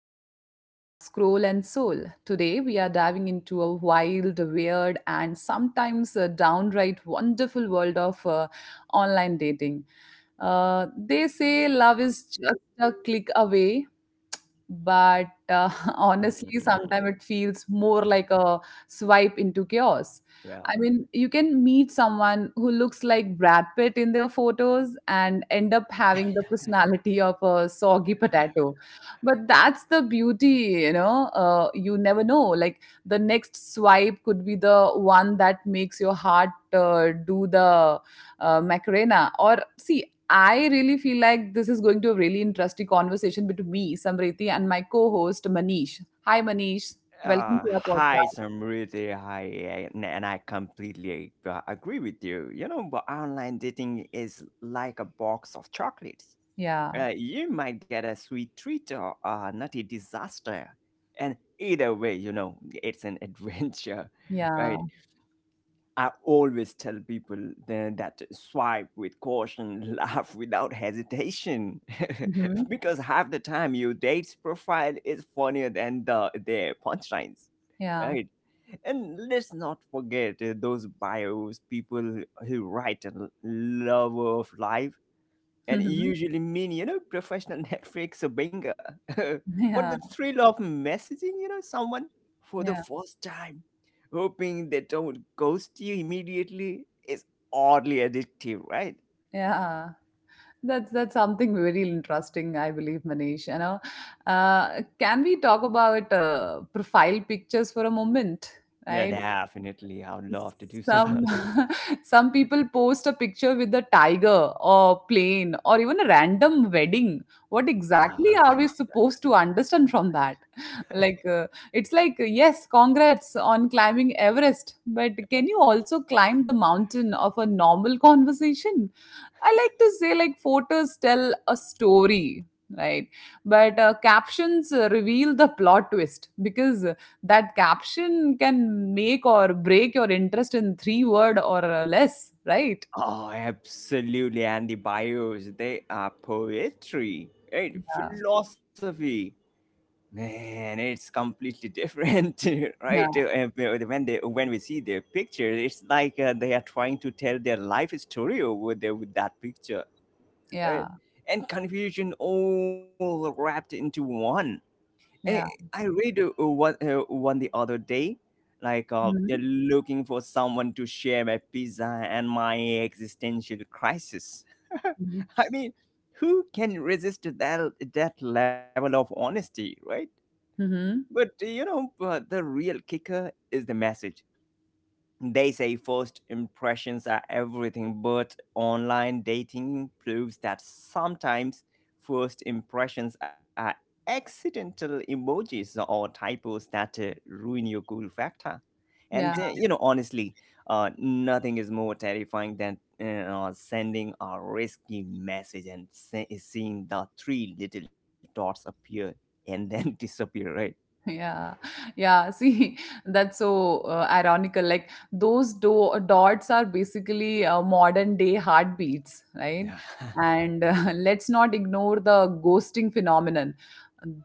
episode of Scroll and Soul. Today, we are diving into a wild, weird, and sometimes a downright wonderful world of online dating. They say love is just a click away, but honestly Mhm. sometimes it feels more like a swipe into chaos. I Yeah. mean, you can meet someone who looks like Brad Pitt in their photos and end up having the personality of a soggy potato. But that's the beauty. You never know, like, the next swipe could be the one that makes your heart do the macarena or see. I really feel like this is going to a really interesting conversation between me, Samriti, and my co host, Manish. Hi, Manish. Welcome to our podcast. Highs are really high, and I completely agree with you. You know, but online dating is like a box of chocolates. Yeah. You might get a sweet treat or a nutty disaster, and either way, you know, it's an adventure, right? Yeah. I always tell people that swipe with caution, laugh without hesitation. Hmm. Because half the time your date's profile is funnier than their punchlines. Yeah. Right? And let's not forget those bios, people who write a lover of life and Mhm. usually mean, you know, professional Netflix bingo. But Yeah. the thrill of messaging, you know, someone for the Yeah. first time, hoping they don't ghost you immediately, is oddly addictive, right? Yeah. That's something very interesting, I believe, Manish. Can we talk about profile pictures for a moment, Yeah, right? definitely, I would love to do so. Some some people post a picture with a tiger or plane or even a random wedding. What exactly Oh, are we supposed to understand from that? Like, it's like, yes, congrats on climbing Everest, but can you also climb the mountain of a normal conversation? I like to say, like, photos tell a story, right? But captions reveal the plot twist, because that caption can make or break your interest in three word or less, right? oh, absolutely. And the bios, they are poetry, right? Yeah, Philosophy. Man, it's completely different, right? Yeah, When they when we see their picture, it's like they are trying to tell their life story over there with that picture, right? yeah, And confusion all wrapped into one. Eh, yeah. I read one the other day, like, yeah, Mm-hmm. looking for someone to share my pizza and my existential crisis. I mean, who can resist that level of honesty, right? Mm-hmm. But you know, the real kicker is the message. They say first impressions are everything, but online dating proves that sometimes first impressions are accidental emojis or typos that ruin your cool factor. Yeah. And you know, honestly, nothing is more terrifying than sending a risky message and seeing the three little dots appear and then disappear, right? Yeah, yeah, see, that's so ironical, like, those dots are basically modern day heartbeats, right? Yeah. And let's not ignore the ghosting phenomenon.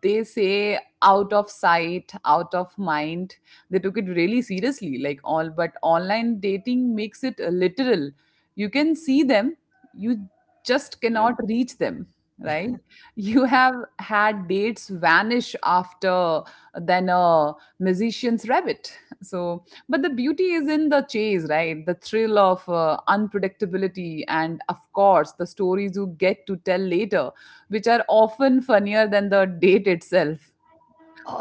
They say out of sight, out of mind. They took it really seriously, like, all. But online dating makes it literal. You can see them. You just cannot Yep. reach them, right? You have had dates vanish after than a musician's rabbit. So but the beauty is in the chase, right? The thrill of unpredictability, and of course the stories you get to tell later, which are often funnier than the date itself.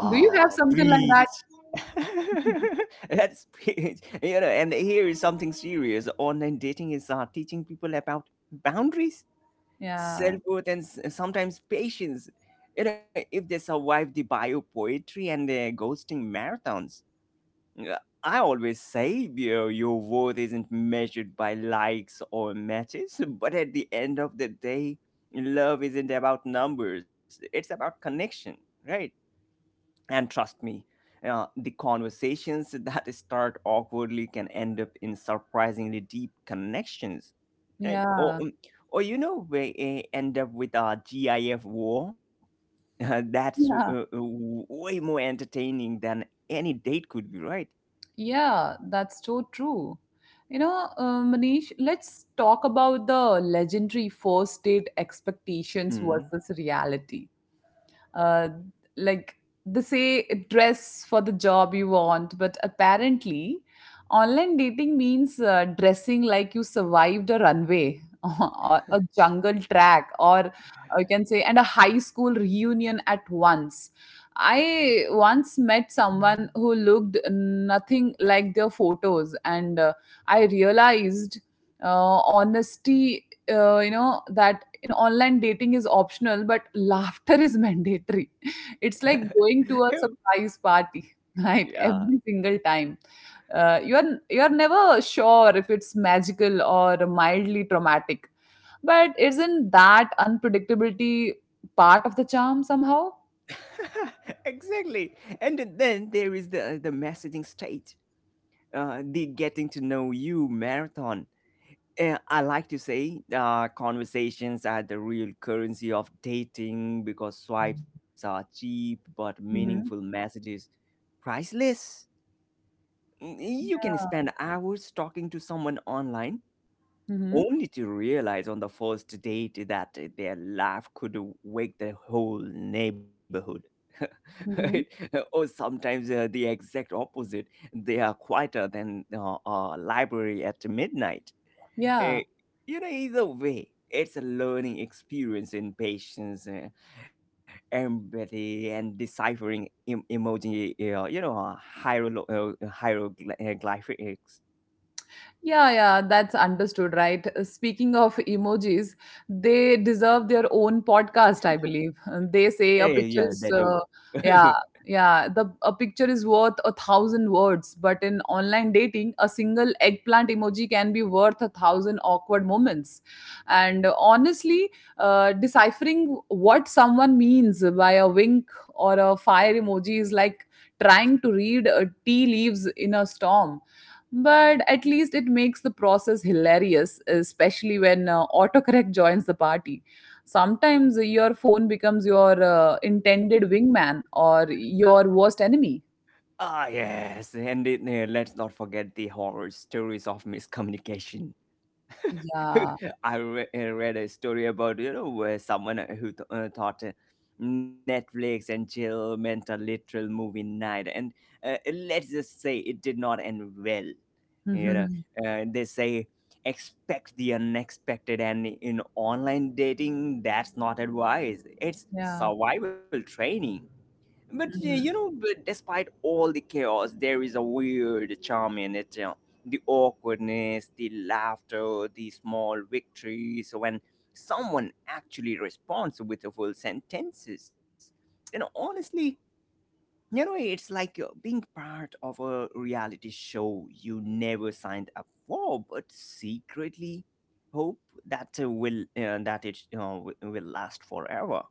Do you have something preach. like that? That's preach. You know, and here is something serious. Online dating is teaching people about boundaries, Yeah, self worth, and sometimes patience. You know, if they survive the bio poetry and the ghosting marathons. Yeah, I always say, Beer, your worth isn't measured by likes or matches, but at the end of the day, love isn't about numbers, it's about connection, right? And trust me, the conversations that start awkwardly can end up in surprisingly deep connections, right? Yeah, Or you know, we end up with a GIF war. That's yeah. way more entertaining than any date could be, right? Yeah, that's so true. Manish, let's talk about the legendary first date expectations Hmm. versus reality. uh, like, they say dress for the job you want, but apparently online dating means dressing like you survived a runway or a jungle track, or you can say and a high school reunion at once. I once met someone who looked nothing like their photos, and I realized honesty, that in online dating is optional, but laughter is mandatory. It's like going to Who? a surprise party, right? Yeah. Every single time. You're never sure if it's magical or mildly traumatic. But isn't that unpredictability part of the charm somehow? Exactly. And then there is the messaging stage, the getting to know you marathon. I like to say conversations are the real currency of dating because swipes are cheap, but meaningful Hmm. messages priceless. Mm, You can spend hours talking to someone online, Hmm. only to realize on the first date that their laugh could wake the whole neighborhood. Right? Hmm. Or sometimes the exact opposite. They are quieter than a library at midnight. Eh, Yeah. you know, either way, it's a learning experience in patience, empathy, and deciphering emoji, you know, hieroglyphics. Hieroglyphics. Yeah, yeah, that's understood, right? Speaking of emojis, they deserve their own podcast, I believe. They say a Yeah, they picture do. is, yeah, yeah, the a picture is worth a thousand words, but in online dating, a single eggplant emoji can be worth a thousand awkward moments. And honestly, deciphering what someone means by a wink or a fire emoji is like trying to read tea leaves in a storm. But at least it makes the process hilarious, especially when autocorrect joins the party. Sometimes your phone becomes your intended wingman or your worst enemy. Ah, yes, and it, let's not forget the horror stories of miscommunication. Yeah. I read a story about, you know, where someone thought Netflix and chill meant a literal movie night, and let's just say it did not end well. You know, they say expect the unexpected, and in online dating that's not advice, it's Yeah. survival training. But you know, but despite all the chaos there is a weird charm in it, you know, the awkwardness, the laughter, the small victories when someone actually responds with a full sentences, you know, honestly, you know it's like being part of a reality show you never signed up for, but secretly hope that will that it will last forever.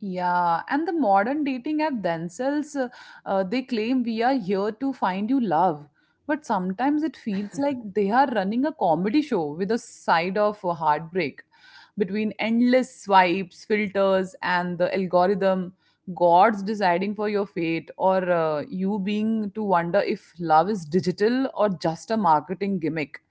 Yeah, and the modern dating app themselves, they claim we are here to find you love. But sometimes it feels like they are running a comedy show with a side of a heartbreak. Between endless swipes, filters, and the algorithm, God's deciding for your fate, or you being to wonder if love is digital or just a marketing gimmick.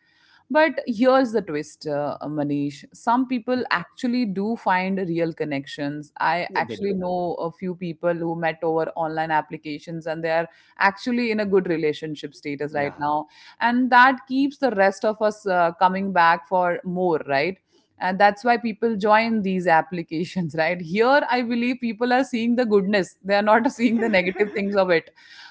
But here's the twist, Manish. Some people Yeah. actually do find real connections. I Yeah, they actually do. know a few people who met over online applications and they are actually in a good relationship status right Yeah. now. And that keeps the rest of us coming back for more, right? And that's why people join these applications, right? Here, I believe people are seeing the goodness. They are not seeing the negative things of it.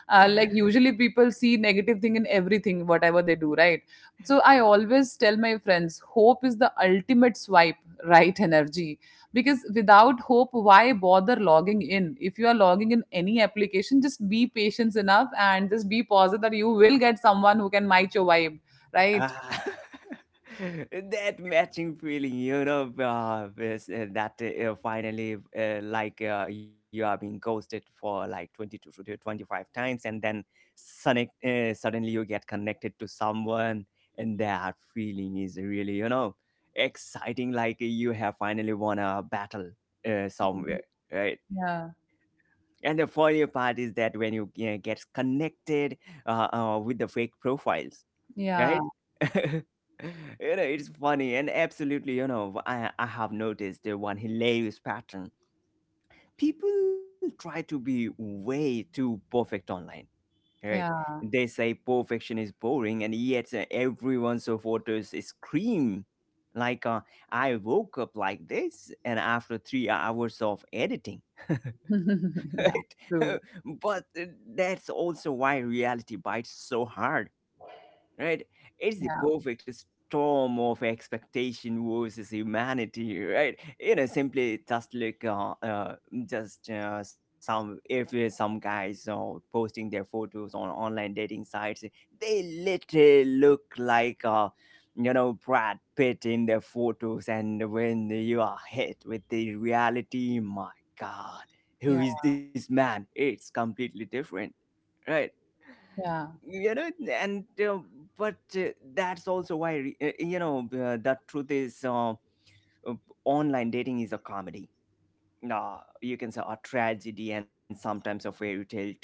Like, usually people see negative thing in everything, whatever they do, right? So I always tell my friends, hope is the ultimate swipe, right energy. Because without hope, why bother logging in? If you are logging in any application, just be patient enough and just be positive that you will get someone who can match your vibe, right? Ah, that matching feeling, you know, that finally, you are being ghosted for like 20 to 25 times, and then suddenly you get connected to someone, and that feeling is really, you know, exciting, like you have finally won a battle somewhere, right? Yeah, And the funny part is that when you, get connected with the fake profiles, yeah, right? You know, it's funny, and absolutely, you know, I have noticed the one hilarious pattern. People try to be way too perfect online, right? yeah. They say perfection is boring, and yet everyone's photos scream like, "I woke up like this," and after 3 hours of editing. Right? Yeah, true. But that's also why reality bites so hard, right? It's the Yeah, perfect storm of expectation versus humanity, right? You know, simply just look, just some, if some guys are posting their photos on online dating sites, they literally look like. You know, Brad Pitt in their photos, and when you are hit with the reality, my God, who yeah, is this man? It's completely different, right? yeah, You know, and but that's also why you know, the truth is, uh, online dating is a comedy, you can say a tragedy, and sometimes a fairy tale too,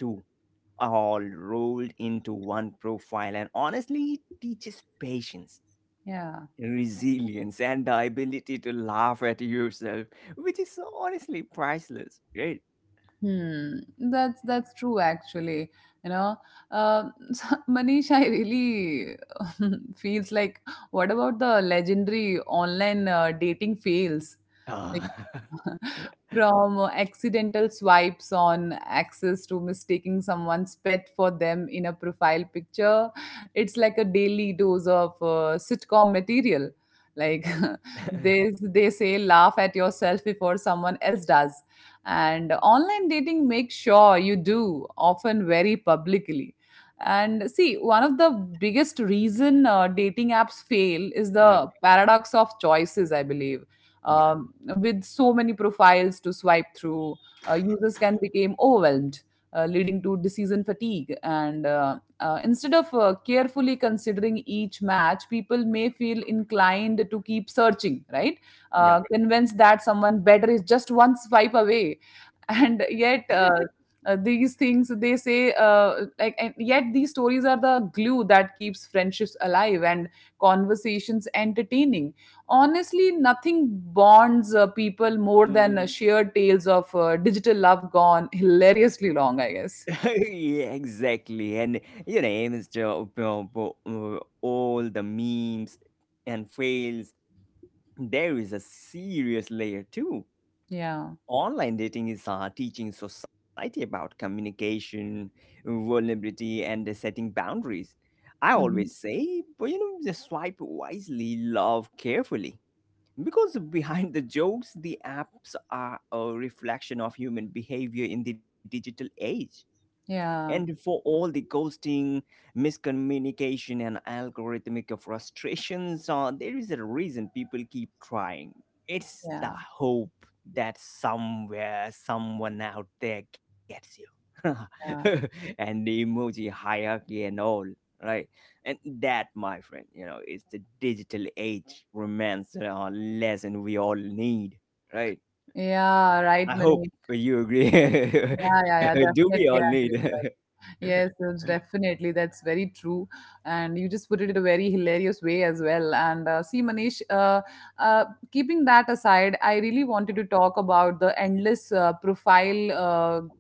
all rolled into one profile, and honestly it teaches patience, yeah. resilience, and the ability to laugh at yourself, which is honestly priceless, right? Hmm, that's true actually. You know, so Manish, I really feels like, what about the legendary online dating fails? Ah. From accidental swipes on access to mistaking someone's pet for them in a profile picture. It's like a daily dose of sitcom material. Like, they, they say, laugh at yourself before someone else does. And online dating makes sure you do, often very publicly. And see, one of the biggest reason dating apps fail is Yep. the paradox of choices, I believe. Yeah. um, with so many profiles to swipe through, users can become overwhelmed, leading to decision fatigue. And instead of carefully considering each match, people may feel inclined to keep searching, right? Yep. Convinced that someone better is just one swipe away, and yet, these things they say, like, and yet these stories are the glue that keeps friendships alive and conversations entertaining. Honestly, nothing bonds people more than Mm. shared tales of digital love gone hilariously long, I guess. Yeah, exactly. And you know, Mr. All the memes and fails, there is a serious layer too. Yeah. Online dating is teaching society about communication, vulnerability, and setting boundaries. I always Mhm. say, but you know, just swipe wisely, love carefully. Because behind the jokes, the apps are a reflection of human behavior in the digital age. And Yeah, for all the ghosting, miscommunication, and algorithmic frustrations, there is a reason people keep trying. It's the yeah, hope that somewhere, someone out there gets you. yeah. And the emoji hierarchy and all, right? And that, my friend, you know, is the digital age romance lesson we all need, right? Yeah, right, I hope Manish. you agree. Yeah, yeah, yeah, Do we all definitely need? I agree with that. Yes, it's definitely. That's very true. And you just put it in a very hilarious way as well. And see, Manish, uh, keeping that aside, I really wanted to talk about the endless profile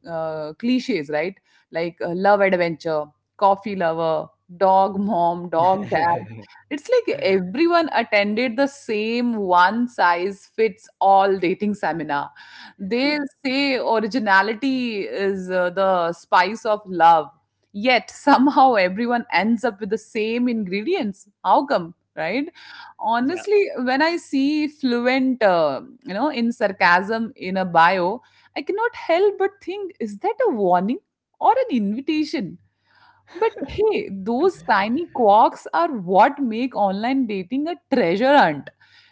cliches, right? Like love adventure, coffee lover, dog mom, dog dad. It's like everyone attended the same one size fits all dating seminar. They say originality is the spice of love. Yet somehow everyone ends up with the same ingredients. How come? Right? Yeah. Honestly, when I see fluent, in sarcasm in a bio, I cannot help but think, is that a warning or an invitation? But hey, those tiny quirks are what make online dating a treasure hunt.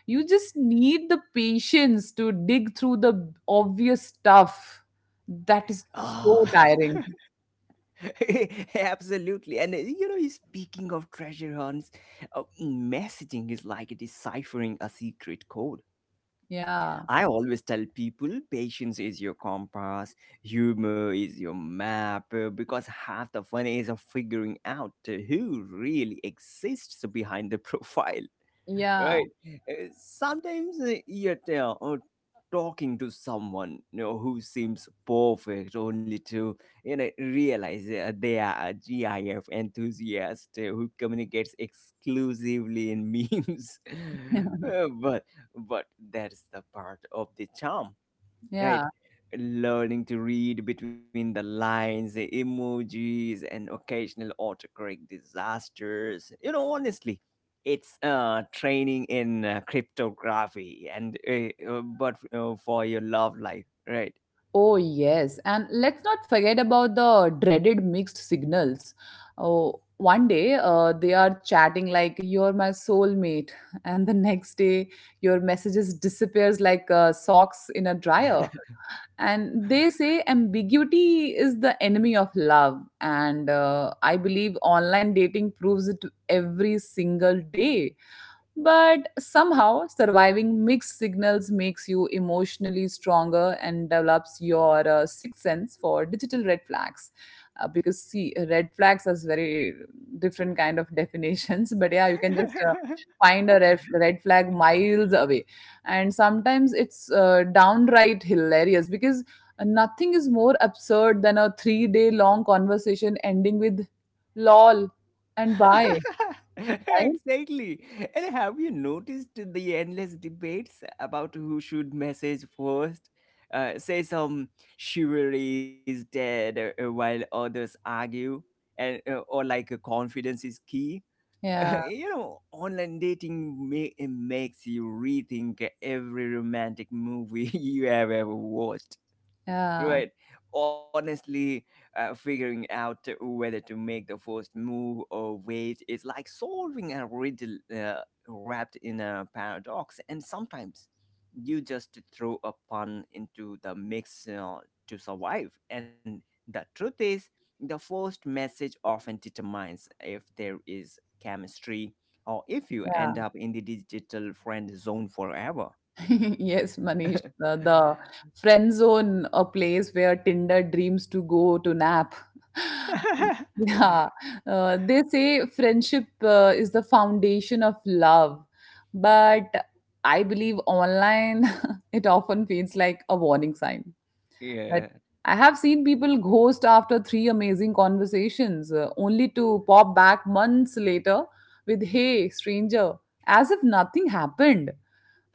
You just need the patience to dig through the obvious stuff. That is Ah, so tiring. absolutely. And you know, speaking of treasure hunts, messaging is like deciphering a secret code. Yeah. I always tell people patience is your compass, humor is your map, because half the fun is of figuring out who really exists behind the profile, Yeah. right? Sometimes are oh, talking to someone, you know, who seems perfect, only to, you know, realize they are a GIF enthusiast who communicates exclusively in memes. But but that's the part of the charm, Yeah. right? Learning to read between the lines, the emojis, and occasional autocorrect disasters, you know, honestly, it's training in cryptography and but for your love life, right? Oh, yes. And let's not forget about the dreaded mixed signals. Oh, one day they are chatting like you're my soulmate, and the next day your messages disappears like socks in a dryer. And they say ambiguity is the enemy of love, and I believe online dating proves it every single day. But somehow, surviving mixed signals makes you emotionally stronger and develops your sixth sense for digital red flags. Because see, red flags has very different kind of definitions. But yeah, you can just find a red, red flag miles away, and sometimes it's downright hilarious because nothing is more absurd than a three-day long conversation ending with "lol" and "bye." Right? Exactly. And have you noticed the endless debates about who should message first? Say some chivalry is dead, while others argue, and or like confidence is key. Yeah. You know, online dating makes you rethink every romantic movie you have ever watched. Yeah. Right. Honestly, figuring out whether to make the first move or wait is like solving a riddle wrapped in a paradox. And sometimes you just throw a pun into the mix to survive. And the truth is, the first message often determines if there is chemistry, or if you Yeah. end up in the digital friend zone forever. Yes, Manish, the friend zone, a place where Tinder dreams to go to nap. Yeah, they say friendship is the foundation of love, but I believe online it often feels like a warning sign. That Yeah. I have seen people ghost after three amazing conversations, only to pop back months later with "Hey, stranger," as if nothing happened.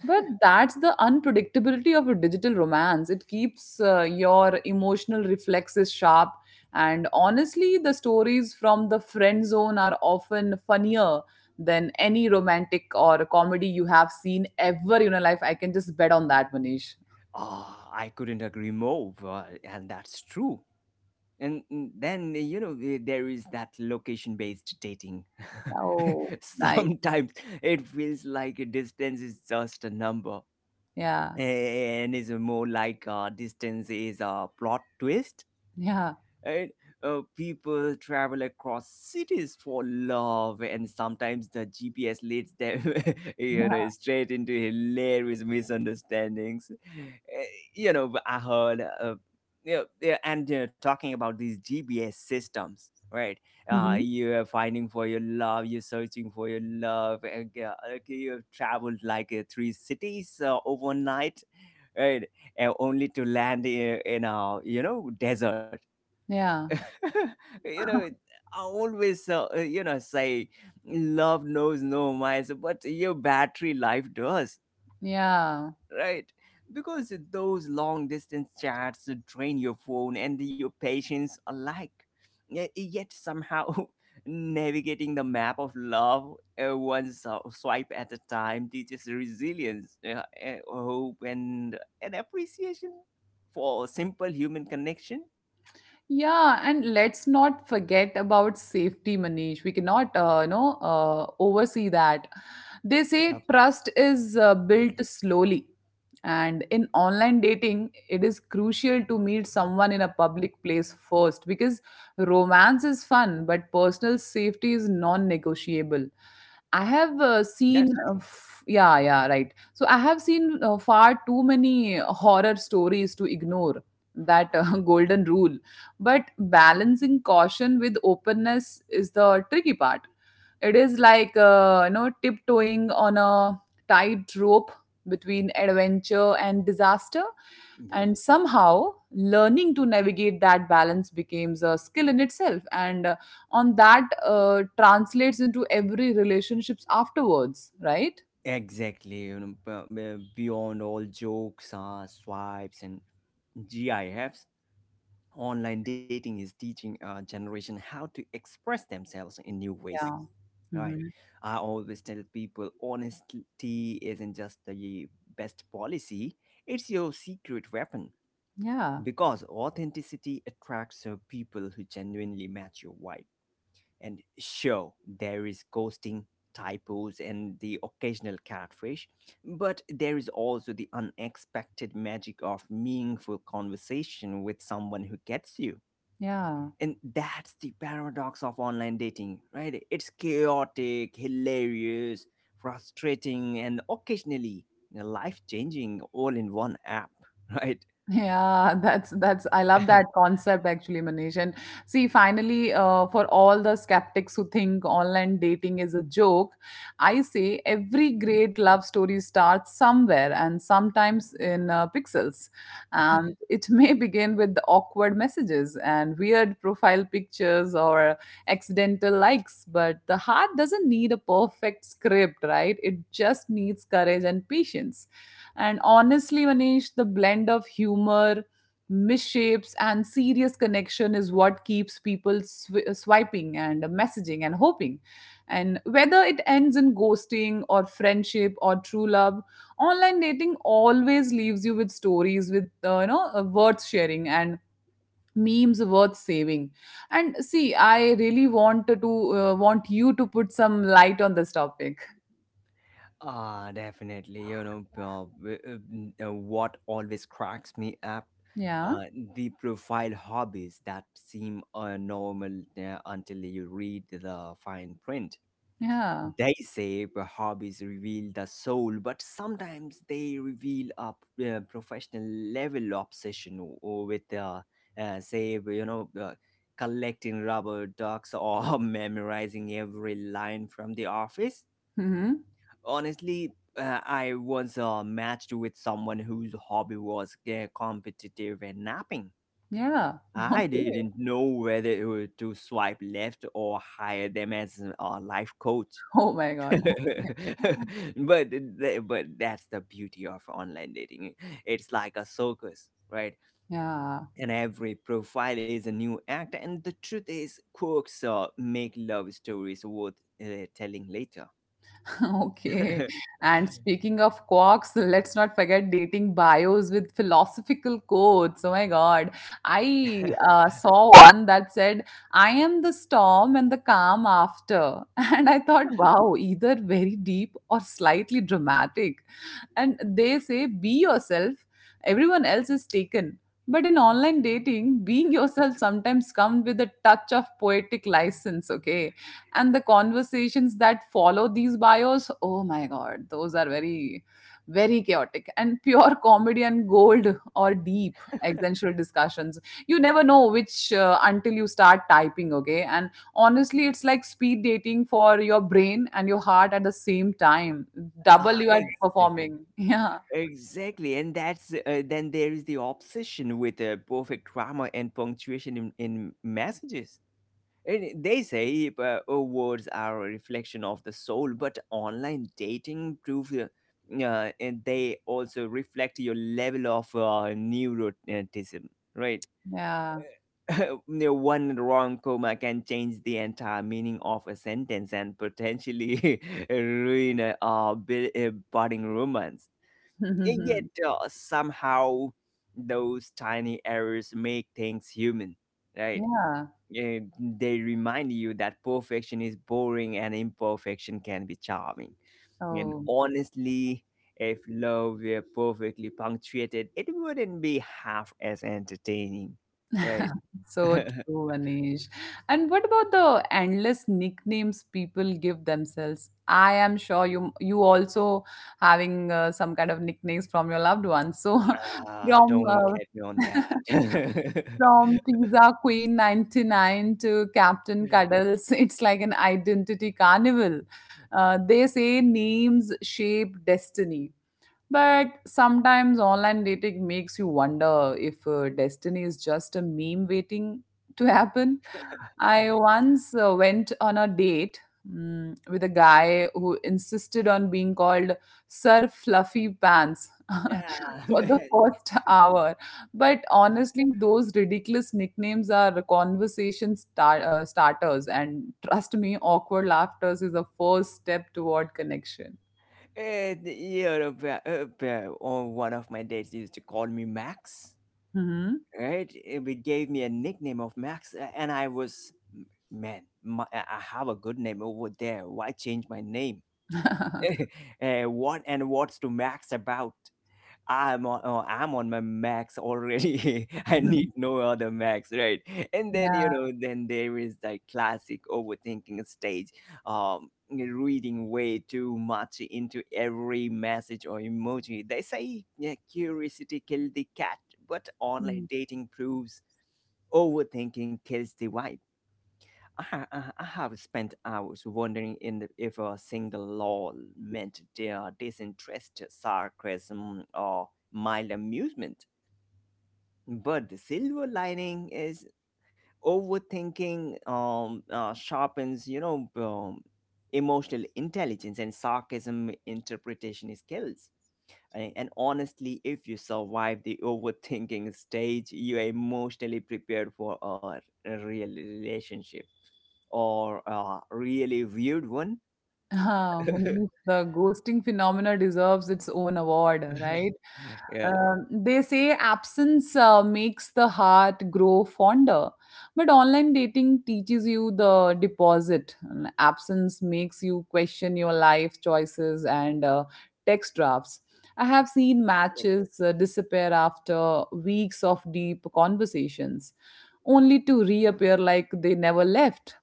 But that's the unpredictability of a digital romance. It keeps your emotional reflexes sharp. And honestly, the stories from the friend zone are often funnier than any romantic or comedy you have seen ever in your life. I can just bet on that, Manish. Ah, I couldn't agree more, and that's true. And then, you know, there is that location based dating. Oh, nice. Sometimes it feels like a distance is just a number, Yeah. and is more like a distance is a plot twist, Yeah. right? People travel across cities for love, and sometimes the GPS leads them, you know, straight into hilarious misunderstandings. Uh, You know, but I heard, you know, yeah, and you know, talking about these GPS systems, right? Mhm. You are finding for your love, you're searching for your love, and okay, you've traveled like three cities overnight, right? And only to land in a, you know, desert. Yeah. you know it- I always you know, say love knows no miles but your battery life does, Yeah. right? Because those long distance chats drain your phone and your patience alike. Yet somehow navigating the map of love one swipe at a time teaches resilience, hope, and an appreciation for simple human connection. Yeah, and let's not forget about safety, Manish. We cannot, oversee that. They Yep. say trust is built slowly, and in online dating, it is crucial to meet someone in a public place first because romance is fun, but personal safety is non-negotiable. I have That's seen, true. Yeah, yeah, right. So I have seen far too many horror stories to ignore that golden rule. But balancing caution with openness is the tricky part. It is like tiptoeing on a tight rope between adventure and disaster, Yeah. and somehow learning to navigate that balance becomes a skill in itself, and on that translates into every relationships afterwards, right? Exactly. You know, beyond all jokes, swipes, and GIFs, online dating is teaching our generation how to express themselves in new ways. Yeah. Right. Mhm. I always tell people honesty isn't just the best policy, it's your secret weapon Yeah. because authenticity attracts people who genuinely match your vibe. And sure, there is ghosting, typos, and the occasional catfish, but there is also the unexpected magic of meaningful conversation with someone who gets you. Yeah. And that's the paradox of online dating, right? It's chaotic, hilarious, frustrating, and occasionally life changing, all in one app, right? Yeah, that's I love that concept actually, Manish. And see, finally, for all the skeptics who think online dating is a joke, I say every great love story starts somewhere, and sometimes in pixels. And it may begin with the awkward messages and weird profile pictures or accidental likes, but the heart doesn't need a perfect script, right? It just needs courage and patience. And honestly, Manish, the blend of humor, misshapes, and serious connection is what keeps people swiping and messaging and hoping. And whether it ends in ghosting or friendship or true love, online dating always leaves you with stories with worth sharing and memes worth saving. And see, I really want to want you to put some light on this topic. Ah, definitely. What always cracks me up, Yeah, uh, the profile hobbies that seem normal until you read the fine print. yeah, They say the hobbies reveal the soul, but sometimes they reveal a professional level obsession with, say, collecting rubber ducks or memorizing every line from the Office. hmm, Honestly, I was matched with someone whose hobby was competitive and napping. yeah. I Okay. didn't know whether it was to swipe left or hire them as a life coach. Oh my God. But that's the beauty of online dating. It's like a circus, right? Yeah. And every profile is a new act, and the truth is, quirks make love stories worth telling later. Okay. And speaking of quarks, let's not forget dating bios with philosophical quotes. Oh my God. I saw one that said, I am the storm and the calm after. And I thought, wow, either very deep or slightly dramatic. And they say be yourself, everyone else is taken. But in online dating, being yourself sometimes comes with a touch of poetic license, okay? And the conversations that follow these bios, oh my god, those are very very chaotic and pure comedy and gold, or deep existential discussions. You never know which until you start typing, okay? And honestly, it's like speed dating for your brain and your heart at the same time. Double Ah, you are exactly. performing. Yeah. Exactly, and that's then there is the obsession with perfect grammar and punctuation in messages. And they say, oh, words are a reflection of the soul, but online dating proves and they also reflect your level of neuroticism, right? Yeah. No one wrong comma can change the entire meaning of a sentence and potentially ruin a budding romance. Yet somehow those tiny errors make things human, right? Yeah. Eh, they remind you that perfection is boring and imperfection can be charming. And Oh. honestly, if love were perfectly punctuated, it wouldn't be half as entertaining, right? So true, Anish. And what about the endless nicknames people give themselves? I am sure you also having some kind of nicknames from your loved ones. So Ah, from don't get me on that. from Pizza Queen 99 to Captain Cuddles, it's like an identity carnival. They say names shape destiny. But sometimes online dating makes you wonder if destiny is just a meme waiting to happen. I once went on a date, with a guy who insisted on being called Sir Fluffy Pants Ah, for the man. first hour. But honestly, those ridiculous nicknames are conversation starters, and trust me, awkward laughter is a first step toward connection. Eh, on one of my dates used to call me Max, Mhm. right? Eh, they gave me a nickname of Max, and I was, man, my, I have a good name over there. Why change my name? Eh, what, and what's to Max about? I'm on, oh, I'm on my max already. I need no other max, right? And then, you Yeah. know, then there is the classic overthinking stage, reading way too much into every message or emoji. They say, yeah, curiosity killed the cat, but online Mm. dating proves overthinking kills the vibe. I I have spent hours wondering in the, if a single law meant their disinterest, sarcasm, or mild amusement. But the silver lining is overthinking sharpens, emotional intelligence and sarcasm interpretation skills. And honestly, if you survive the overthinking stage, you are emotionally prepared for a real relationship or a really weird one. Ah, Manish, the ghosting phenomena deserves its own award, right? Yeah. They say absence makes the heart grow fonder, but online dating teaches you the deposit. And absence makes you question your life choices and text drafts. I have seen matches disappear after weeks of deep conversations only to reappear like they never left.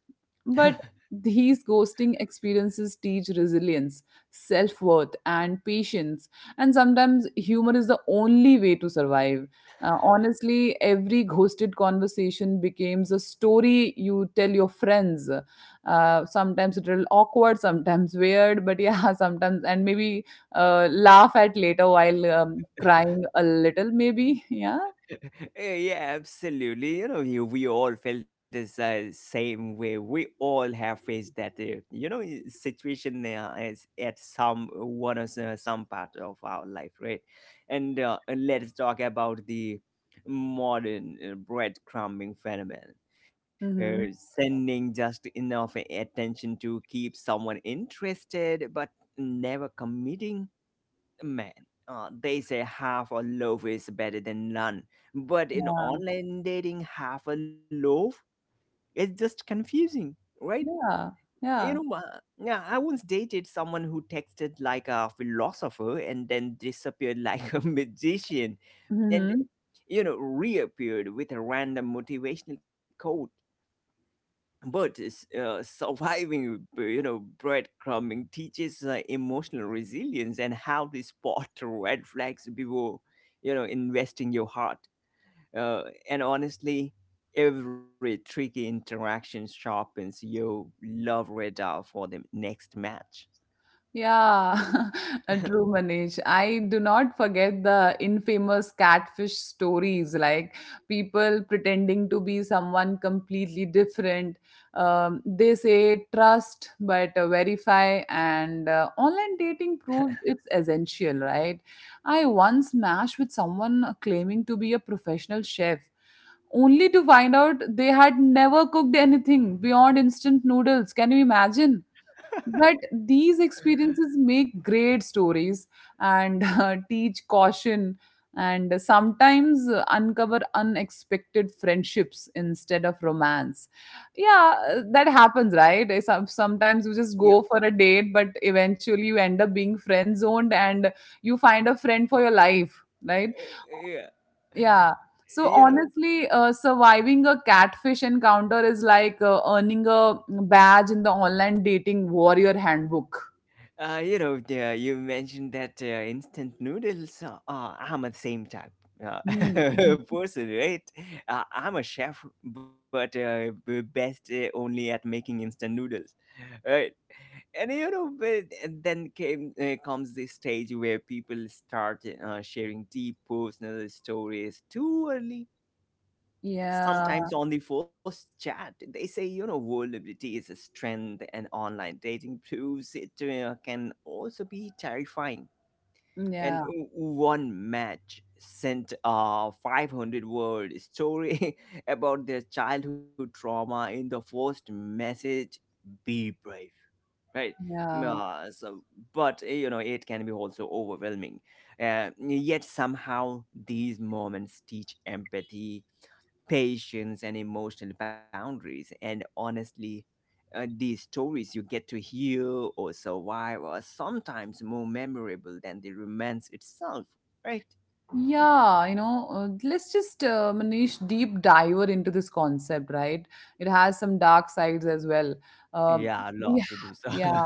But these ghosting experiences teach resilience, self worth, and patience. And sometimes humor is the only way to survive. Honestly, every ghosted conversation becomes a story you tell your friends. Sometimes it will awkward, sometimes weird, but yeah, sometimes and maybe laugh at later while crying a little, maybe. Yeah. Eh, yeah, absolutely. You know, we all felt the same way. We all have faced that, situation as at some one or some part of our life, right? And let's talk about the modern breadcrumbing phenomenon. Mm-hmm. Uh, Sending just enough attention to keep someone interested, but never committing, man. They say half a loaf is better than none, but in Yeah, online dating, half a loaf is just confusing, right? yeah, yeah. Yeah, I once dated someone who texted like a philosopher and then disappeared like a magician, and, Mhm. you know, reappeared with a random motivational quote. But surviving, you know, breadcrumbing teaches emotional resilience and how to spot red flags before, you know, investing your heart. uh, and honestly, every tricky interaction sharpens your love radar for the next match. Yeah, a true Manish. I do not forget the infamous catfish stories, like people pretending to be someone completely different. They say trust, but verify, and online dating proves it's essential, right? I once matched with someone claiming to be a professional chef. Only to find out they had never cooked anything beyond instant noodles. Can you imagine? But these experiences make great stories and teach caution and sometimes uncover unexpected friendships instead of romance. Yeah, that happens, right? Sometimes you just Yeah. go for a date, but eventually you end up being friend zoned and you find a friend for your life, right? uh, yeah Yeah. So you know honestly, surviving a catfish encounter is like earning a badge in the online dating warrior handbook. You mentioned that instant noodles. I'm the same type uh, Yeah, mhm. person, right? I'm a chef, but best only at making instant noodles, right? And you know, but then came comes this stage where people start sharing deep personal stories too early. Yeah, Sometimes on the first chat, they say, you know, vulnerability is a strength, and online dating proves it can also be terrifying. And yeah, w- one match sent a 500 word story about their childhood trauma in the first message. Be brave, right? yeah. Uh, so, but you know, it can be also overwhelming. Yet somehow these moments teach empathy, patience, and emotional boundaries. And honestly, these stories you get to hear or survive are sometimes more memorable than the romance itself, right? Yeah, you know, let's just, Manish, deep diver into this concept, right? It has some dark sides as well. Yeah, Um, I'd love to do so. yeah,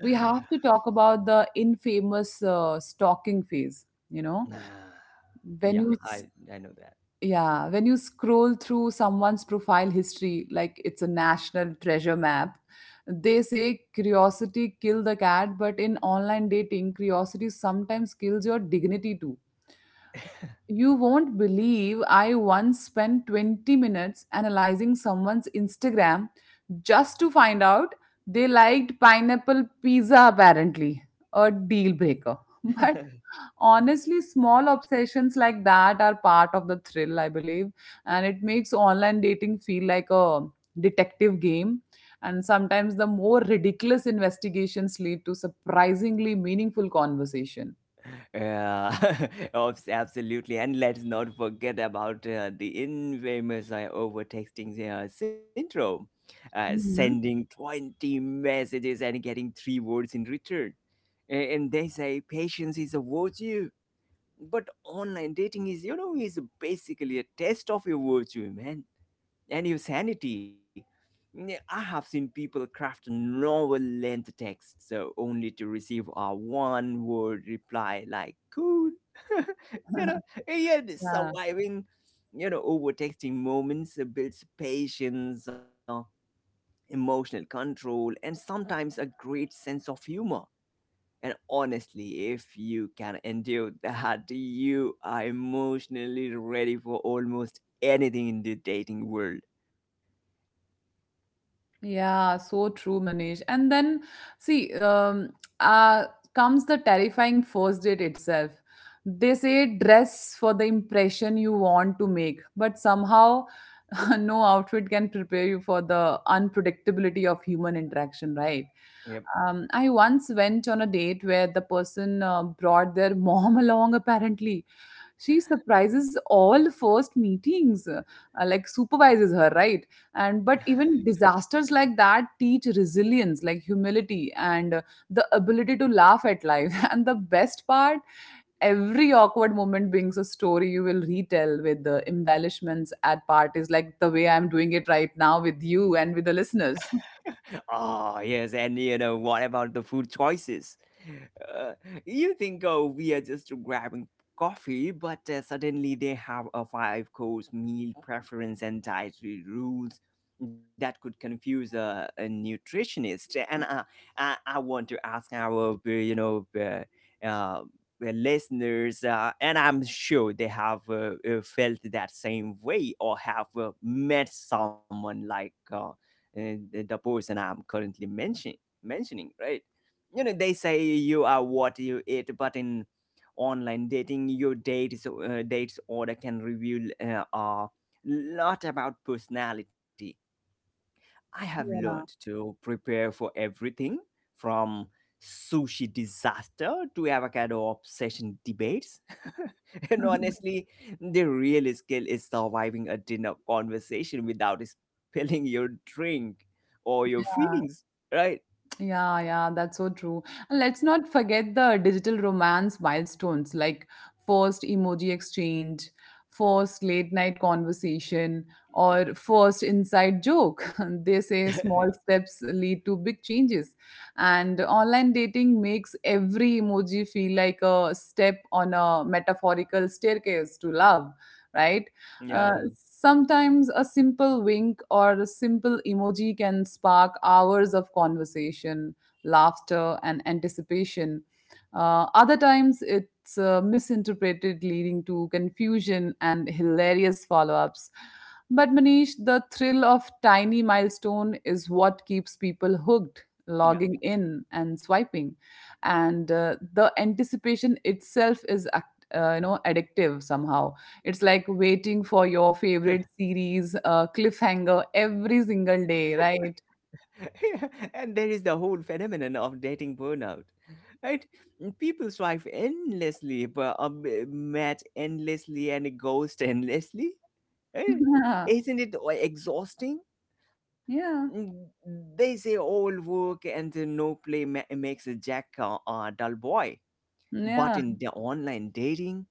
we have to talk about the infamous stalking phase, you know, Ah, when yeah, you I know that. yeah, when you scroll through someone's profile history, like it's a national treasure map. They say curiosity kill the cat, but in online dating, curiosity sometimes kills your dignity too. You won't believe I once spent 20 minutes analyzing someone's Instagram just to find out they liked pineapple pizza, apparently, a deal breaker. But honestly, small obsessions like that are part of the thrill, I believe, and it makes online dating feel like a detective game. And sometimes the more ridiculous investigations lead to surprisingly meaningful conversation. Yeah, absolutely. And let's not forget about the infamous overtexting syndrome, sending Mhm. 20 messages and getting three words in return. And they say patience is a virtue, but online dating is, you know, is basically a test of your virtue, man, and your sanity. Yeah, I have seen people craft novel length texts so, only to receive a one word reply, like, cool. You know, yeah, the Yeah. surviving, you know, over texting moments builds patience, emotional control, and sometimes a great sense of humor. And honestly, if you can endure that, you are emotionally ready for almost anything in the dating world. Yeah, so true, Manish. And then, see, uh, comes the terrifying first date itself. They say dress for the impression you want to make, but somehow no outfit can prepare you for the unpredictability of human interaction, right? Yep. I once went on a date where the person brought their mom along, apparently. She surprises all first meetings, like supervises her, right? And but even disasters like that teach resilience, like humility and the ability to laugh at life. And the best part, every awkward moment brings a story you will retell with the embellishments at parties, like the way I'm doing it right now with you and with the listeners. Ah, yes, and you know, what about the food choices? Uh, you think, oh, we are just grabbing coffee, but suddenly they have a five-course meal preference and dietary rules that could confuse a nutritionist. And uh, I want to ask our uh, the listeners, and I'm sure they have felt that same way or have met someone like, the person I'm currently mentioning, right? You know, they say you are what you eat, but in online dating, your dates order can reveal a lot about personality. I have learned to prepare for everything, from sushi disaster to avocado obsession debates. And Yeah. honestly, the real skill is surviving a dinner conversation without spilling your drink or your feelings, right? Yeah, yeah, that's so true. And let's not forget the digital romance milestones like first emoji exchange, first late night conversation, or first inside joke. They say small steps lead to big changes. And online dating makes every emoji feel like a step on a metaphorical staircase to love, right? Yeah, Sometimes a simple wink or a simple emoji can spark hours of conversation, laughter, and anticipation. Other times, it's misinterpreted, leading to confusion and hilarious follow ups. But Manish, the thrill of tiny milestone is what keeps people hooked, yeah. logging in and swiping, and the anticipation itself is, addictive somehow. It's like waiting for your favorite series cliffhanger every single day, right? And there is the whole phenomenon of dating burnout, right? People swipe endlessly, but match endlessly and ghost endlessly, right? Yeah, Isn't it exhausting? yeah, Mm, they say all work and no play makes Jack a dull boy, yeah, but in the online dating,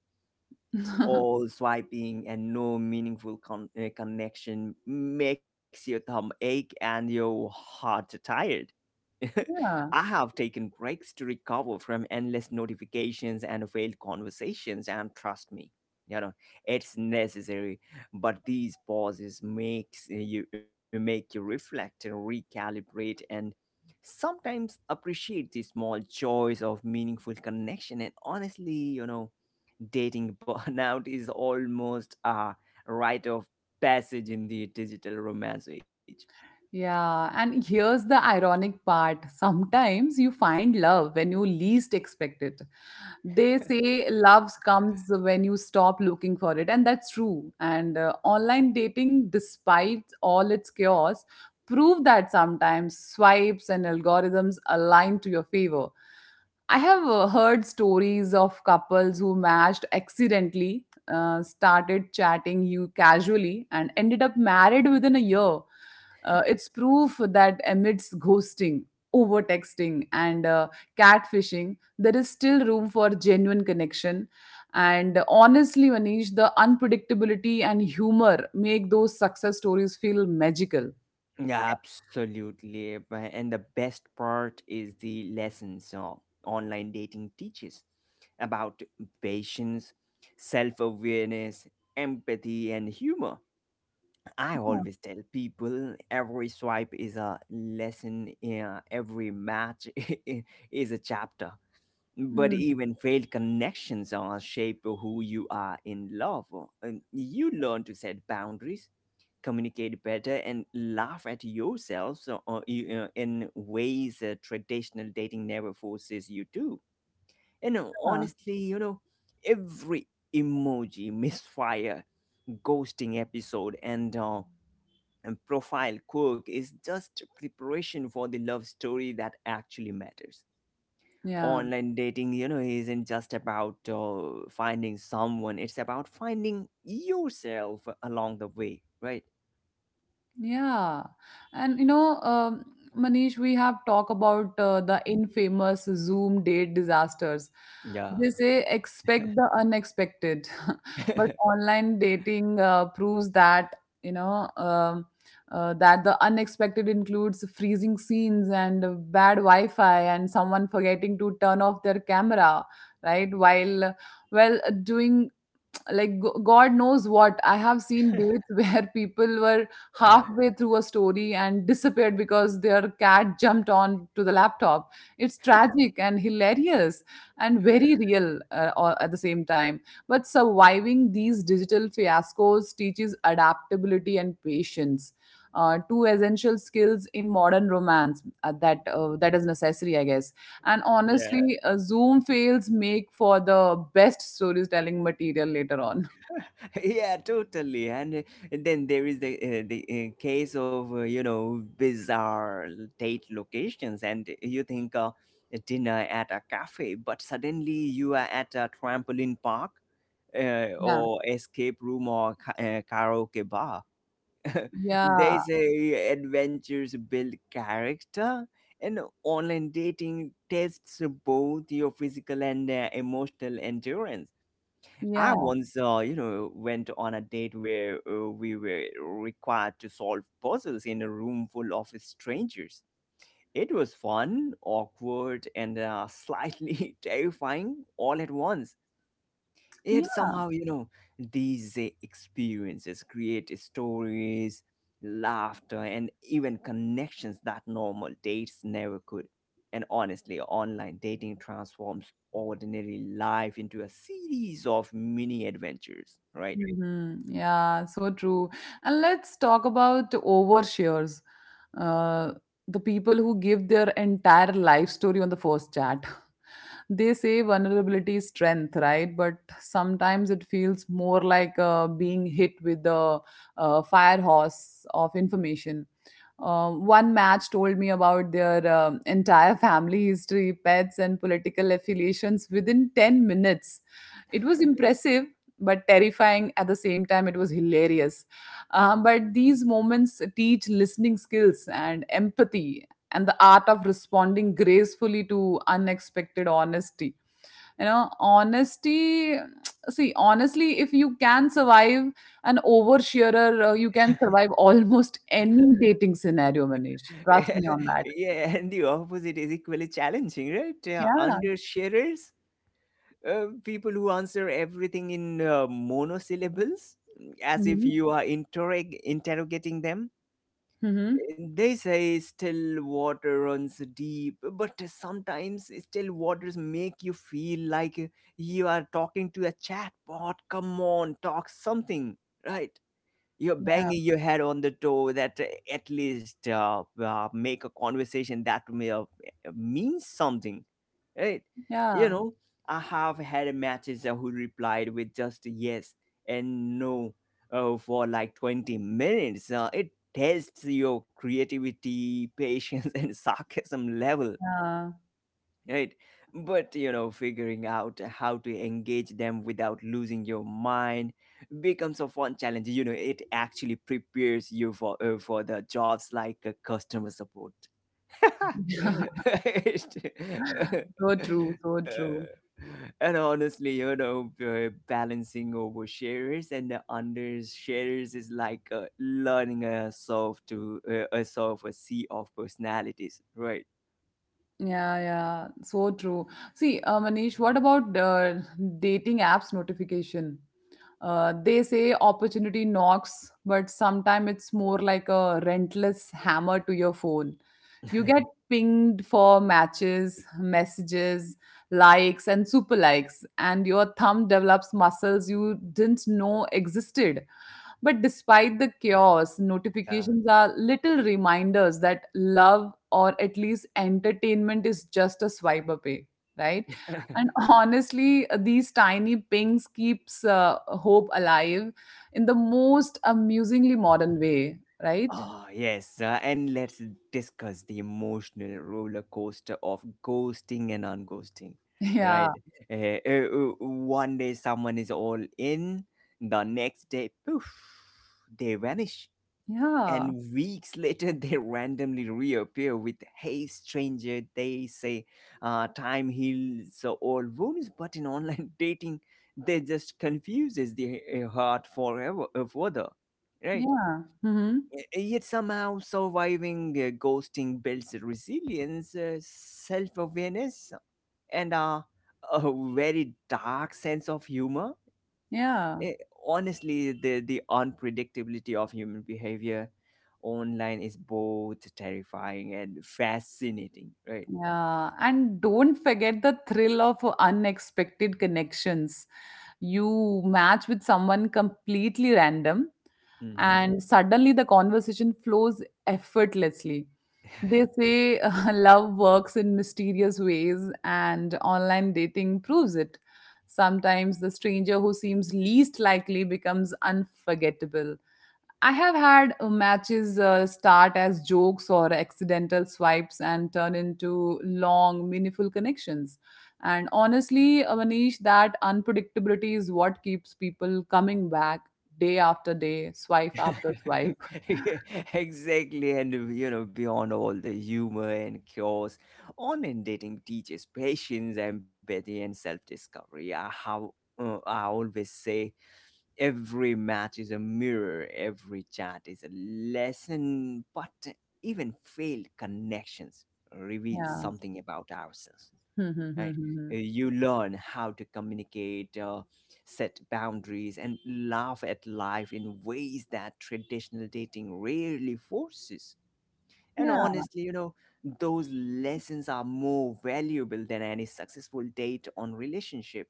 all swiping and no meaningful connection makes your thumb ache and your heart tired. I yeah, have taken breaks to recover from endless notifications and failed conversations, and trust me, you know, it's necessary. But these pauses make you reflect and recalibrate, and sometimes appreciate the small joys of meaningful connection. And honestly, you know, dating burnout is almost a rite of passage in the digital romance age. yeah. And here's the ironic part. Sometimes you find love when you least expect it. They say love comes when you stop looking for it, and that's true. And online dating, despite all its chaos, prove that sometimes swipes and algorithms align to your favor. I have heard stories of couples who matched accidentally, started chatting you casually, and ended up married within a year. It's proof that amidst ghosting, over texting, and catfishing, there is still room for genuine connection. And honestly, Manish, the unpredictability and humor make those success stories feel magical. Yeah, absolutely. And the best part is the lessons online dating teaches about patience, self awareness, empathy, and humor. I Yeah. always tell people every swipe is a lesson, every match is a chapter. But Mm. even failed connections are shape who you are in love. And you learn to set boundaries, communicate better, and laugh at yourself so, in ways traditional dating never forces you to. And Yeah. honestly, you know, every emoji, misfire, ghosting episode, and profile quirk is just preparation for the love story that actually matters. Yeah. Online dating, you know, isn't just about finding someone, it's about finding yourself along the way, right? Yeah. And you know, Manish, we have talked about the infamous Zoom date disasters. They Yeah. say expect the unexpected, but online dating proves that, you know, um, that the unexpected includes freezing scenes and bad Wi-Fi and someone forgetting to turn off their camera, right? While, well, doing like god knows what. I have seen dates where people were halfway through a story and disappeared because their cat jumped on to the laptop. It's tragic and hilarious and very real all at the same time. But surviving these digital fiascos teaches adaptability and patience, two essential skills in modern romance that is necessary I guess. And Yeah. honestly, Zoom fails make for the best storytelling material later on. Yeah, totally. And then there is the case of, you know, bizarre date locations, and you think, dinner at a cafe, but suddenly you are at a trampoline park, Yeah. or escape room, or karaoke bar. Yeah. They say adventures build character, and online dating tests both your physical and emotional endurance. I Yeah. once, you know, went on a date where we were required to solve puzzles in a room full of strangers. It was fun, awkward, and slightly terrifying all at once. Yet somehow, you know, these experiences create stories, laughter, and even connections that normal dates never could. And honestly, online dating transforms ordinary life into a series of mini adventures, right? Mhm. Yeah, so true. And let's talk about overshares. Uh, the people who give their entire life story on the first chat. They say vulnerability is strength, right? But sometimes it feels more like being hit with the fire hose of information. One match told me about their entire family history, pets, and political affiliations within 10 minutes. It was impressive but terrifying at the same time, it was hilarious. But these moments teach listening skills and empathy and the art of responding gracefully to unexpected honesty you know honesty See honestly, if you can survive an oversharer, you can survive almost any dating scenario, Manish, trust me on that. Yeah, and the opposite is equally challenging, right? Yeah, Undersharers, people who answer everything in monosyllables, as mm-hmm. if you are interrogating them. Mm-hmm. They say still water runs deep, but sometimes still waters make you feel like you are talking to a chatbot. Come on, talk something, right? You're Yeah, banging your head on the door that at least make a conversation that means something, right? You yeah, know, I have had matches who replied with just yes and no for like 20 minutes. It tests your creativity, patience, and sarcasm level, yeah. right? But you know, figuring out how to engage them without losing your mind becomes a fun challenge. You know, it actually prepares you for the jobs like customer support. It- So true, so true. and honestly, you know, balancing oversharers and the undersharers is like learning a solve to a solve a sea of personalities, right? Yeah, yeah, so true. See, Manish, what about dating apps notification? They say opportunity knocks, but sometimes it's more like a relentless hammer to your phone. You get pinged for matches, messages, likes, and super likes, and your thumb develops muscles you didn't know existed. But despite the chaos, yeah. notifications are little reminders that love, or at least entertainment, is just a swipe away, right? And honestly, these tiny pings keeps hope alive in the most amusingly modern way, right? Oh, yes. And let's discuss the emotional roller coaster of ghosting and unghosting, Yeah, right? One day someone is all in, the next day, poof, they vanish. yeah, And weeks later, they randomly reappear with, hey, stranger. They say time heals all wounds, but in online dating, they just confuses the heart forever, further, right? yeah, hmm, Yet somehow surviving ghosting builds resilience, self awareness, and a very dark sense of humor. yeah, Eh, honestly, the unpredictability of human behavior online is both terrifying and fascinating, right? yeah. And don't forget the thrill of unexpected connections. You match with someone completely random Hmm. and suddenly the conversation flows effortlessly. They say love works in mysterious ways, and online dating proves it. Sometimes the stranger who seems least likely becomes unforgettable. I have had matches start as jokes or accidental swipes and turn into long, meaningful connections. And honestly, Manish, that unpredictability is what keeps people coming back day after day, swipe after swipe. Yeah, exactly. And you know, beyond all the humor and chaos, online dating teaches patience, empathy, and self-discovery. I always say every match is a mirror, every chat is a lesson, but even failed connections reveal Yeah. something about ourselves, right? You learn how to communicate, set boundaries, and laugh at life in ways that traditional dating rarely forces. And Yeah. honestly, you know, those lessons are more valuable than any successful date on relationship.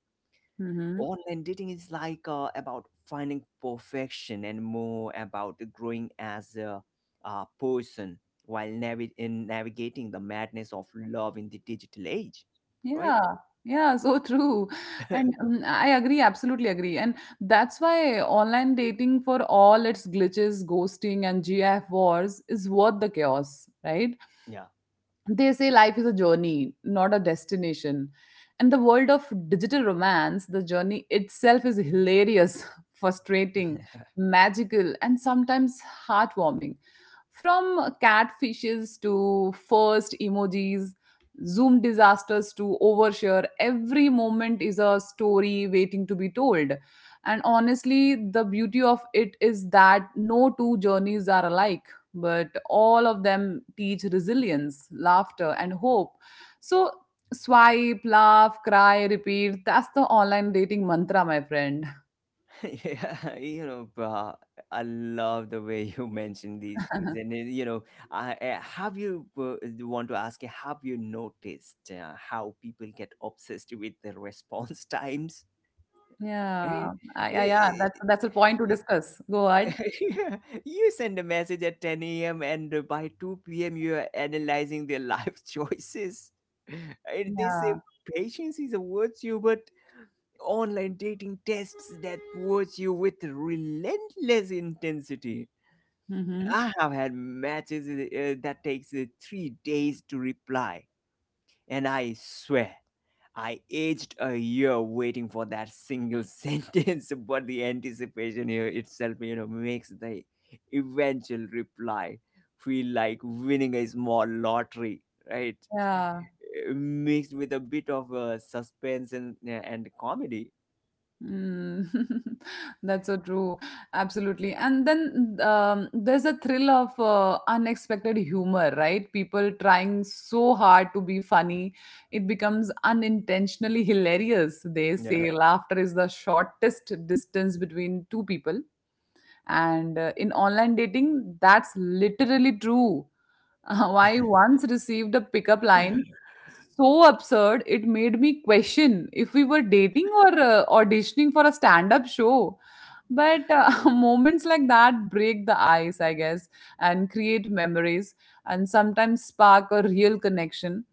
Hmm. Online dating is like about finding perfection and more about growing as a person while navi- in navigating the madness of love in the digital age, right? Yeah, yeah, so true. And I agree, absolutely agree. And that's why online dating, for all its glitches, ghosting, and GF wars, is worth the chaos, right? Yeah. They say life is a journey, not a destination, and the world of digital romance, the journey itself is hilarious, frustrating, magical, and sometimes heartwarming. From catfishes to first emojis, zoom disasters to overshare, every moment is a story waiting to be told. And honestly, the beauty of it is that no two journeys are alike, but all of them teach resilience, laughter, and hope. So, swipe, laugh, cry, repeat. That's the online dating mantra, my friend. Yeah, you know, bro, I love the way you mention these things. And, you know, I, have you want to ask, you, have you noticed how people get obsessed with the response times? Eh, Yeah. Ah, yeah, eh, yeah. eh, That's a point to eh, discuss. Go ahead. yeah. You send a message at 10 a.m. and by 2 p.m. you are analyzing their life choices. And they say Yeah. patience is a virtue, but online dating tests that push you with relentless intensity. Mm-hmm. I have had matches that takes 3 days to reply, and I swear I aged a year waiting for that single sentence. But the anticipation here itself, you know, makes the eventual reply feel like winning a small lottery, right? Yeah. Mixed with a bit of suspense and comedy. Mm, that's so true. Absolutely. And then there's a thrill of unexpected humor, right? People trying so hard to be funny, it becomes unintentionally hilarious. They Yeah. say laughter is the shortest distance between two people, and in online dating that's literally true. I once received a pickup line so absurd it made me question if we were dating or auditioning for a stand-up show, but moments like that break the ice, I guess, and create memories, and sometimes spark a real connection.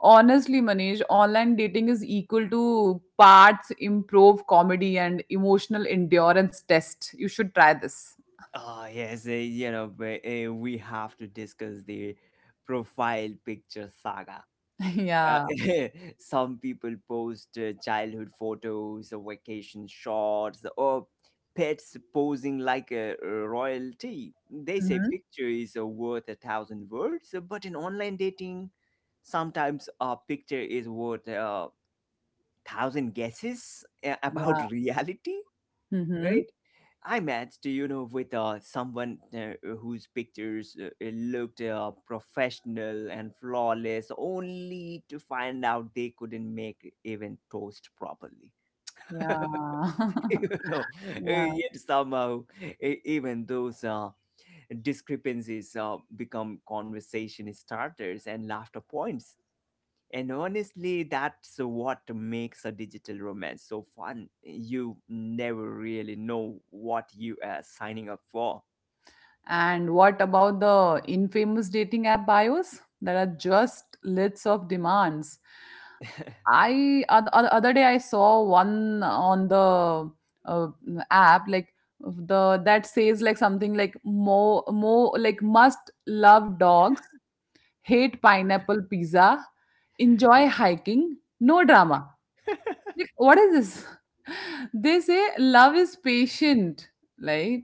Honestly, Manish, online dating is equal to parts improve comedy and emotional endurance test. You should try this. Ah, yes, eh, you know, but, eh, we have to discuss the profile picture saga. Uh, Yeah. some people post childhood photos, or vacation shots, or pets posing like a royalty. They say Mhm. picture is worth a thousand words, but in online dating, sometimes a picture is worth a thousand guesses about Yeah. reality, Mhm. right? I matched, you know, with someone whose pictures looked professional and flawless, only to find out they couldn't make even toast properly. Yeah. you know, Yeah. yet somehow, even those discrepancies become conversation starters and laughter points. And honestly, that's what makes a digital romance so fun. You never really know what you are signing up for. And what about the infamous dating app bios that are just lists of demands? Other day I saw one on the app, like the that says like something like more more like, must love dogs, hate pineapple pizza, enjoy hiking, no drama. Like, what is this? They say love is patient, right?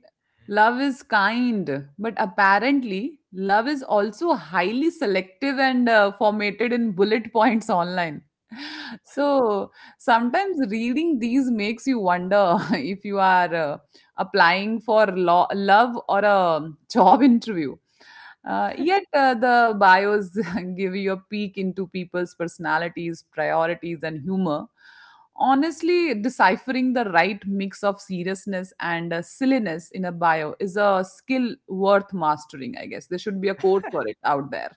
Love is kind, but apparently, love is also highly selective and formatted in bullet points online. So sometimes reading these makes you wonder if you are applying for love or a job interview. Yet the bios give you a peek into people's personalities, priorities, and humor. Honestly, deciphering the right mix of seriousness and silliness in a bio is a skill worth mastering, I guess. There should be a code for it out there.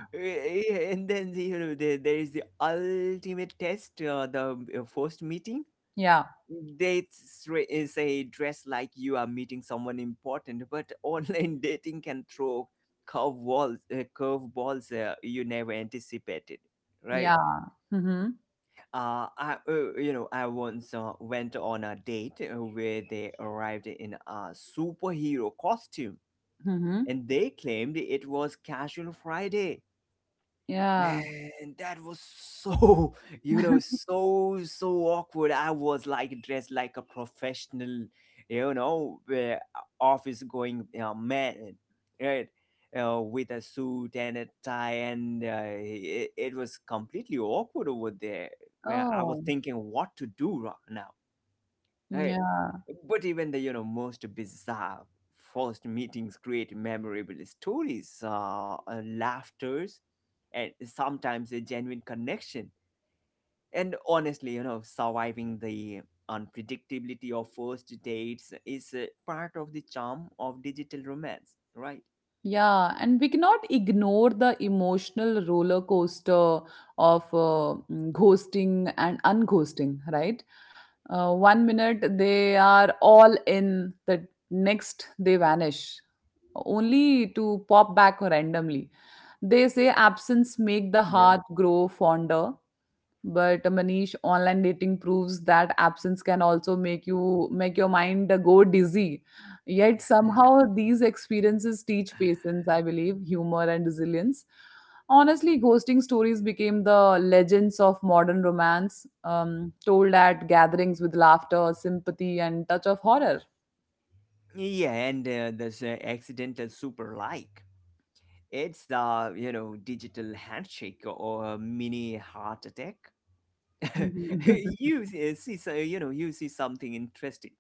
Yeah, and then you know, there is the ultimate test, the first meeting. Yeah. They say dress like you are meeting someone important, but online dating can throw curve balls you never anticipated, right? Yeah. Mm-hmm. Uh, I, uh you know i once went on a date where they arrived in a superhero costume, Mm-hmm. and they claimed it was casual Friday. Yeah. Man, that was so, you know, so, so awkward. I was like dressed like a professional, you know, office going man, right? With a suit and a tie, and it was completely awkward over there, where I was Oh. thinking what to do now, right? Yeah. But even the, you know, most bizarre first meetings create memorable stories, laughters, and sometimes a genuine connection. And honestly, you know, surviving the unpredictability of first dates is part of the charm of digital romance, right? Yeah, and we cannot ignore the emotional roller coaster of ghosting and unghosting, right? One minute they are all in, the next they vanish, only to pop back randomly. They say absence make the Yep. heart grow fonder, but Manish, online dating proves that absence can also make you make your mind go dizzy. Yet somehow these experiences teach patience, I believe, humor, and resilience. Honestly, ghosting stories became the legends of modern romance, told at gatherings with laughter, sympathy, and touch of horror. Yeah, and there's accidental super like. It's a, you know, digital handshake or a mini heart attack. You see, so, you know, you see something interesting.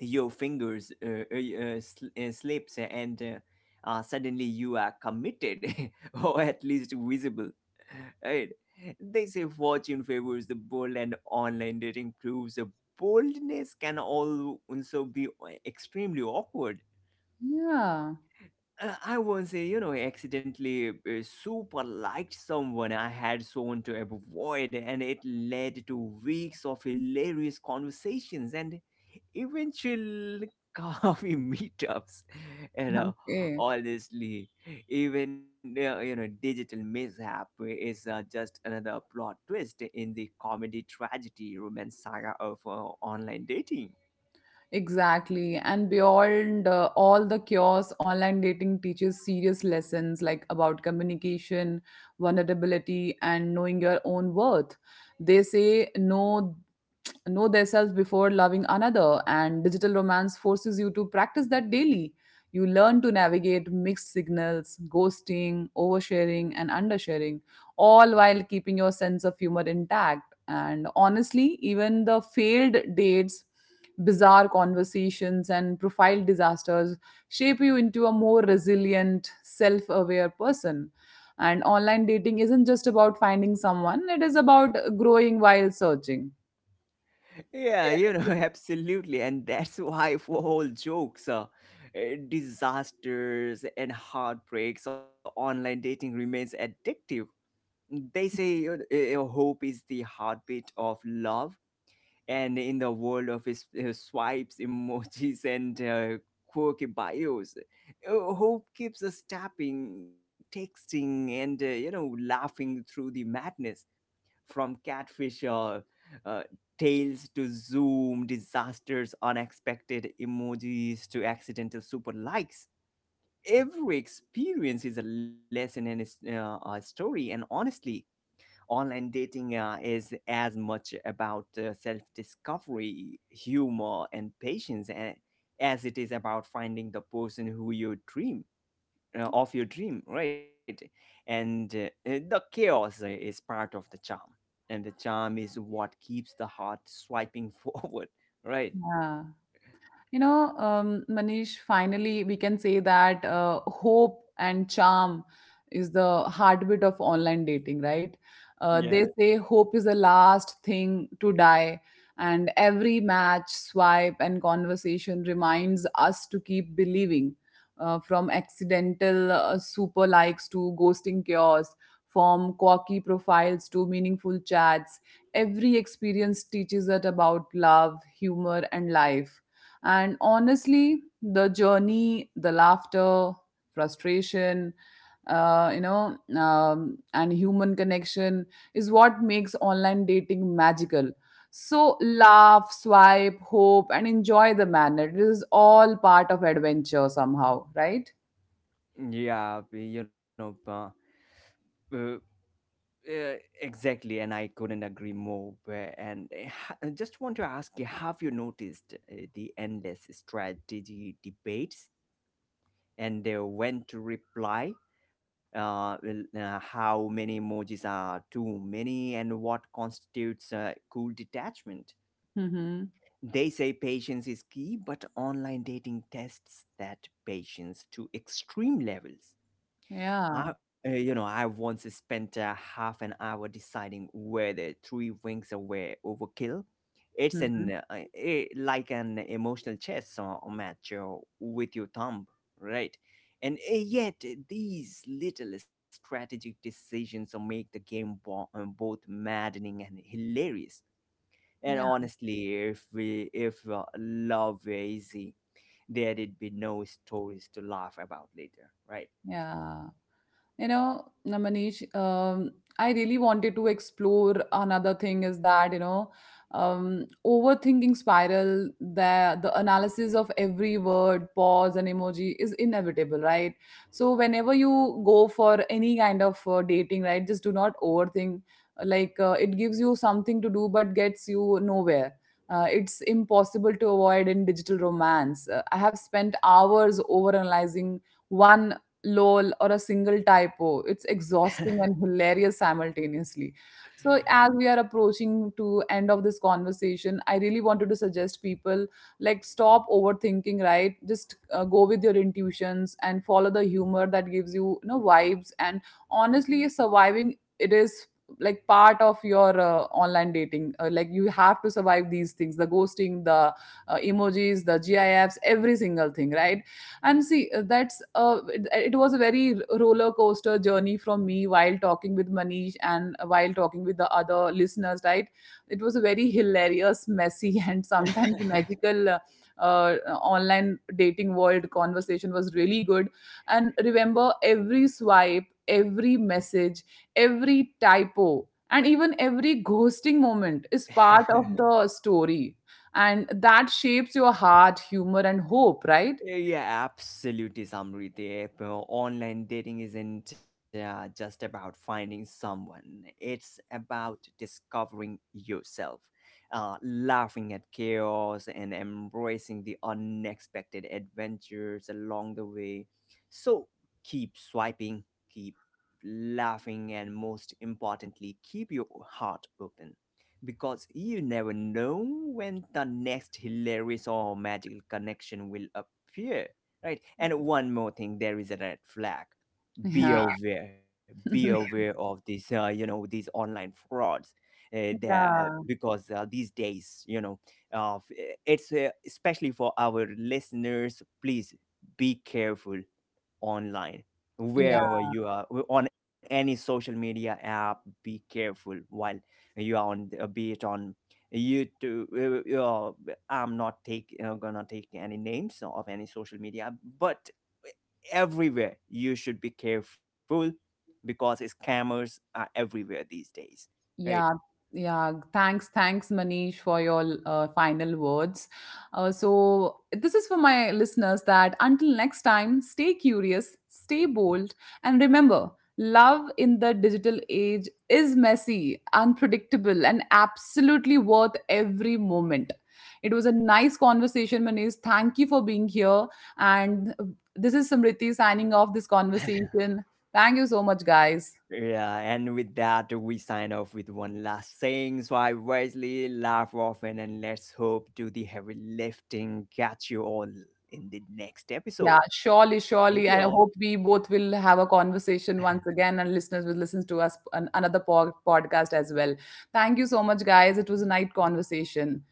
Your fingers slips and suddenly you are committed or at least visible. Right? They say fortune favors the bold, and online dating proves a boldness can also be extremely awkward. Yeah. I once, you know, accidentally super liked someone I had sworn to avoid, and it led to weeks of hilarious conversations and eventual coffee meetups. And Okay. honestly, even, you know, digital mishap is just another plot twist in the comedy tragedy romance saga of online dating. Exactly. And beyond all the chaos, online dating teaches serious lessons like about communication, vulnerability, and knowing your own worth. They say no know thyself before loving another, and digital romance forces you to practice that daily. You learn to navigate mixed signals, ghosting, oversharing, and undersharing, all while keeping your sense of humor intact. And honestly, even the failed dates, bizarre conversations, and profile disasters shape you into a more resilient, self-aware person. And online dating isn't just about finding someone, it is about growing while searching. Yeah, you know, absolutely. And that's why for all jokes, uh, disasters and heartbreaks, online dating remains addictive. They say hope is the heartbeat of love. And in the world of his, swipes, emojis, and quirky bios, hope keeps us tapping, texting, and, you know, laughing through the madness. From catfish uh, tales to zoom disasters, unexpected emojis to accidental super likes, every experience is a lesson and is, a story. And honestly, online dating is as much about self-discovery, humor, and patience, as it is about finding the person who you dream of your dream, right? And the chaos is part of the charm, and the charm is what keeps the heart swiping forward, right? Yeah. You know, Manish, finally, we can say that hope and charm is the heartbeat of online dating, right? Yeah. They say hope is the last thing to die, and every match, swipe, and conversation reminds us to keep believing. From accidental super likes to ghosting chaos, from quirky profiles to meaningful chats, every experience teaches us about love, humor, and life. And honestly, the journey, the laughter, frustration, and human connection is what makes online dating magical. So laugh, swipe, hope, and enjoy the manner. It is all part of adventure somehow, right? Yeah, you know, uh, uh, exactly, and I couldn't agree more. And I just want to ask you: have you noticed the endless strategy debates and they went to reply, well, how many emojis are too many, and what constitutes cool detachment. Mm-hmm. They say patience is key, but online dating tests that patience to extreme levels. Yeah. I, you know, I once spent a half an hour deciding whether three wings were overkill. It's Mm-hmm. an like an emotional chess match with your thumb, right? And yet, eh, these little strategic decisions make the game both maddening and hilarious. And Yeah. honestly, if love were easy, there'd be no stories to laugh about later, right? Yeah. You know, now, Manish, I really wanted to explore another thing is that, you know, overthinking spiral, the analysis of every word, pause, and emoji is inevitable, right? So, whenever you go for any kind of dating, right, just do not overthink. Like, it gives you something to do, but gets you nowhere. It's impossible to avoid in digital romance. I have spent hours overanalyzing one lol or a single typo. It's exhausting and hilarious simultaneously. So as we are approaching to end of this conversation, I really wanted to suggest people like stop overthinking, right? Just go with your intuitions and follow the humor that gives you, you know, vibes. And honestly, surviving it is like part of your online dating. Like, you have to survive these things, the ghosting, the emojis, the gifs, every single thing, right? And see, that's it was a very roller coaster journey from me while talking with Manish and while talking with the other listeners, right? It was a very hilarious, messy and sometimes magical uh, online dating world. Conversation was really good. And remember, every swipe, every message, every typo, and even every ghosting moment is part of the story, and that shapes your heart, humor, and hope, right? Yeah, absolutely, Samriti. Online dating isn't just about finding someone, it's about discovering yourself, laughing at chaos, and embracing the unexpected adventures along the way. So keep swiping, keep laughing, and most importantly, keep your heart open, because you never know when the next hilarious or magical connection will appear, right? And one more thing, there is a red flag. Yeah Be aware of this, you know, these online frauds. There, Yeah, because these days, you know, f- it's especially for our listeners, please be careful online, yeah, wherever you are, on any social media app. Be careful while you are on be it on YouTube. Uh, uh, i'm not take uh, gonna take any names of any social media, but everywhere you should be careful, because scammers are everywhere these days, right? yeah, yeah. Thanks, Manish, for your final words. So, this is for my listeners that until next time, stay curious, stay bold, and remember, love in the digital age is messy, unpredictable, and absolutely worth every moment. It was a nice conversation, Manish. Thank you for being here. And this is Samriti signing off this conversation. Thank you so much, guys. Yeah, and with that, we sign off with one last saying. So I wisely laugh often and let's hope do the heavy lifting. Catch you all in the next Yeah, episode. surely, Thank surely. you And I all. hope we both will have a conversation once again, and listeners will listen to us another podcast as well. Thank you so much, guys. It was a nice conversation.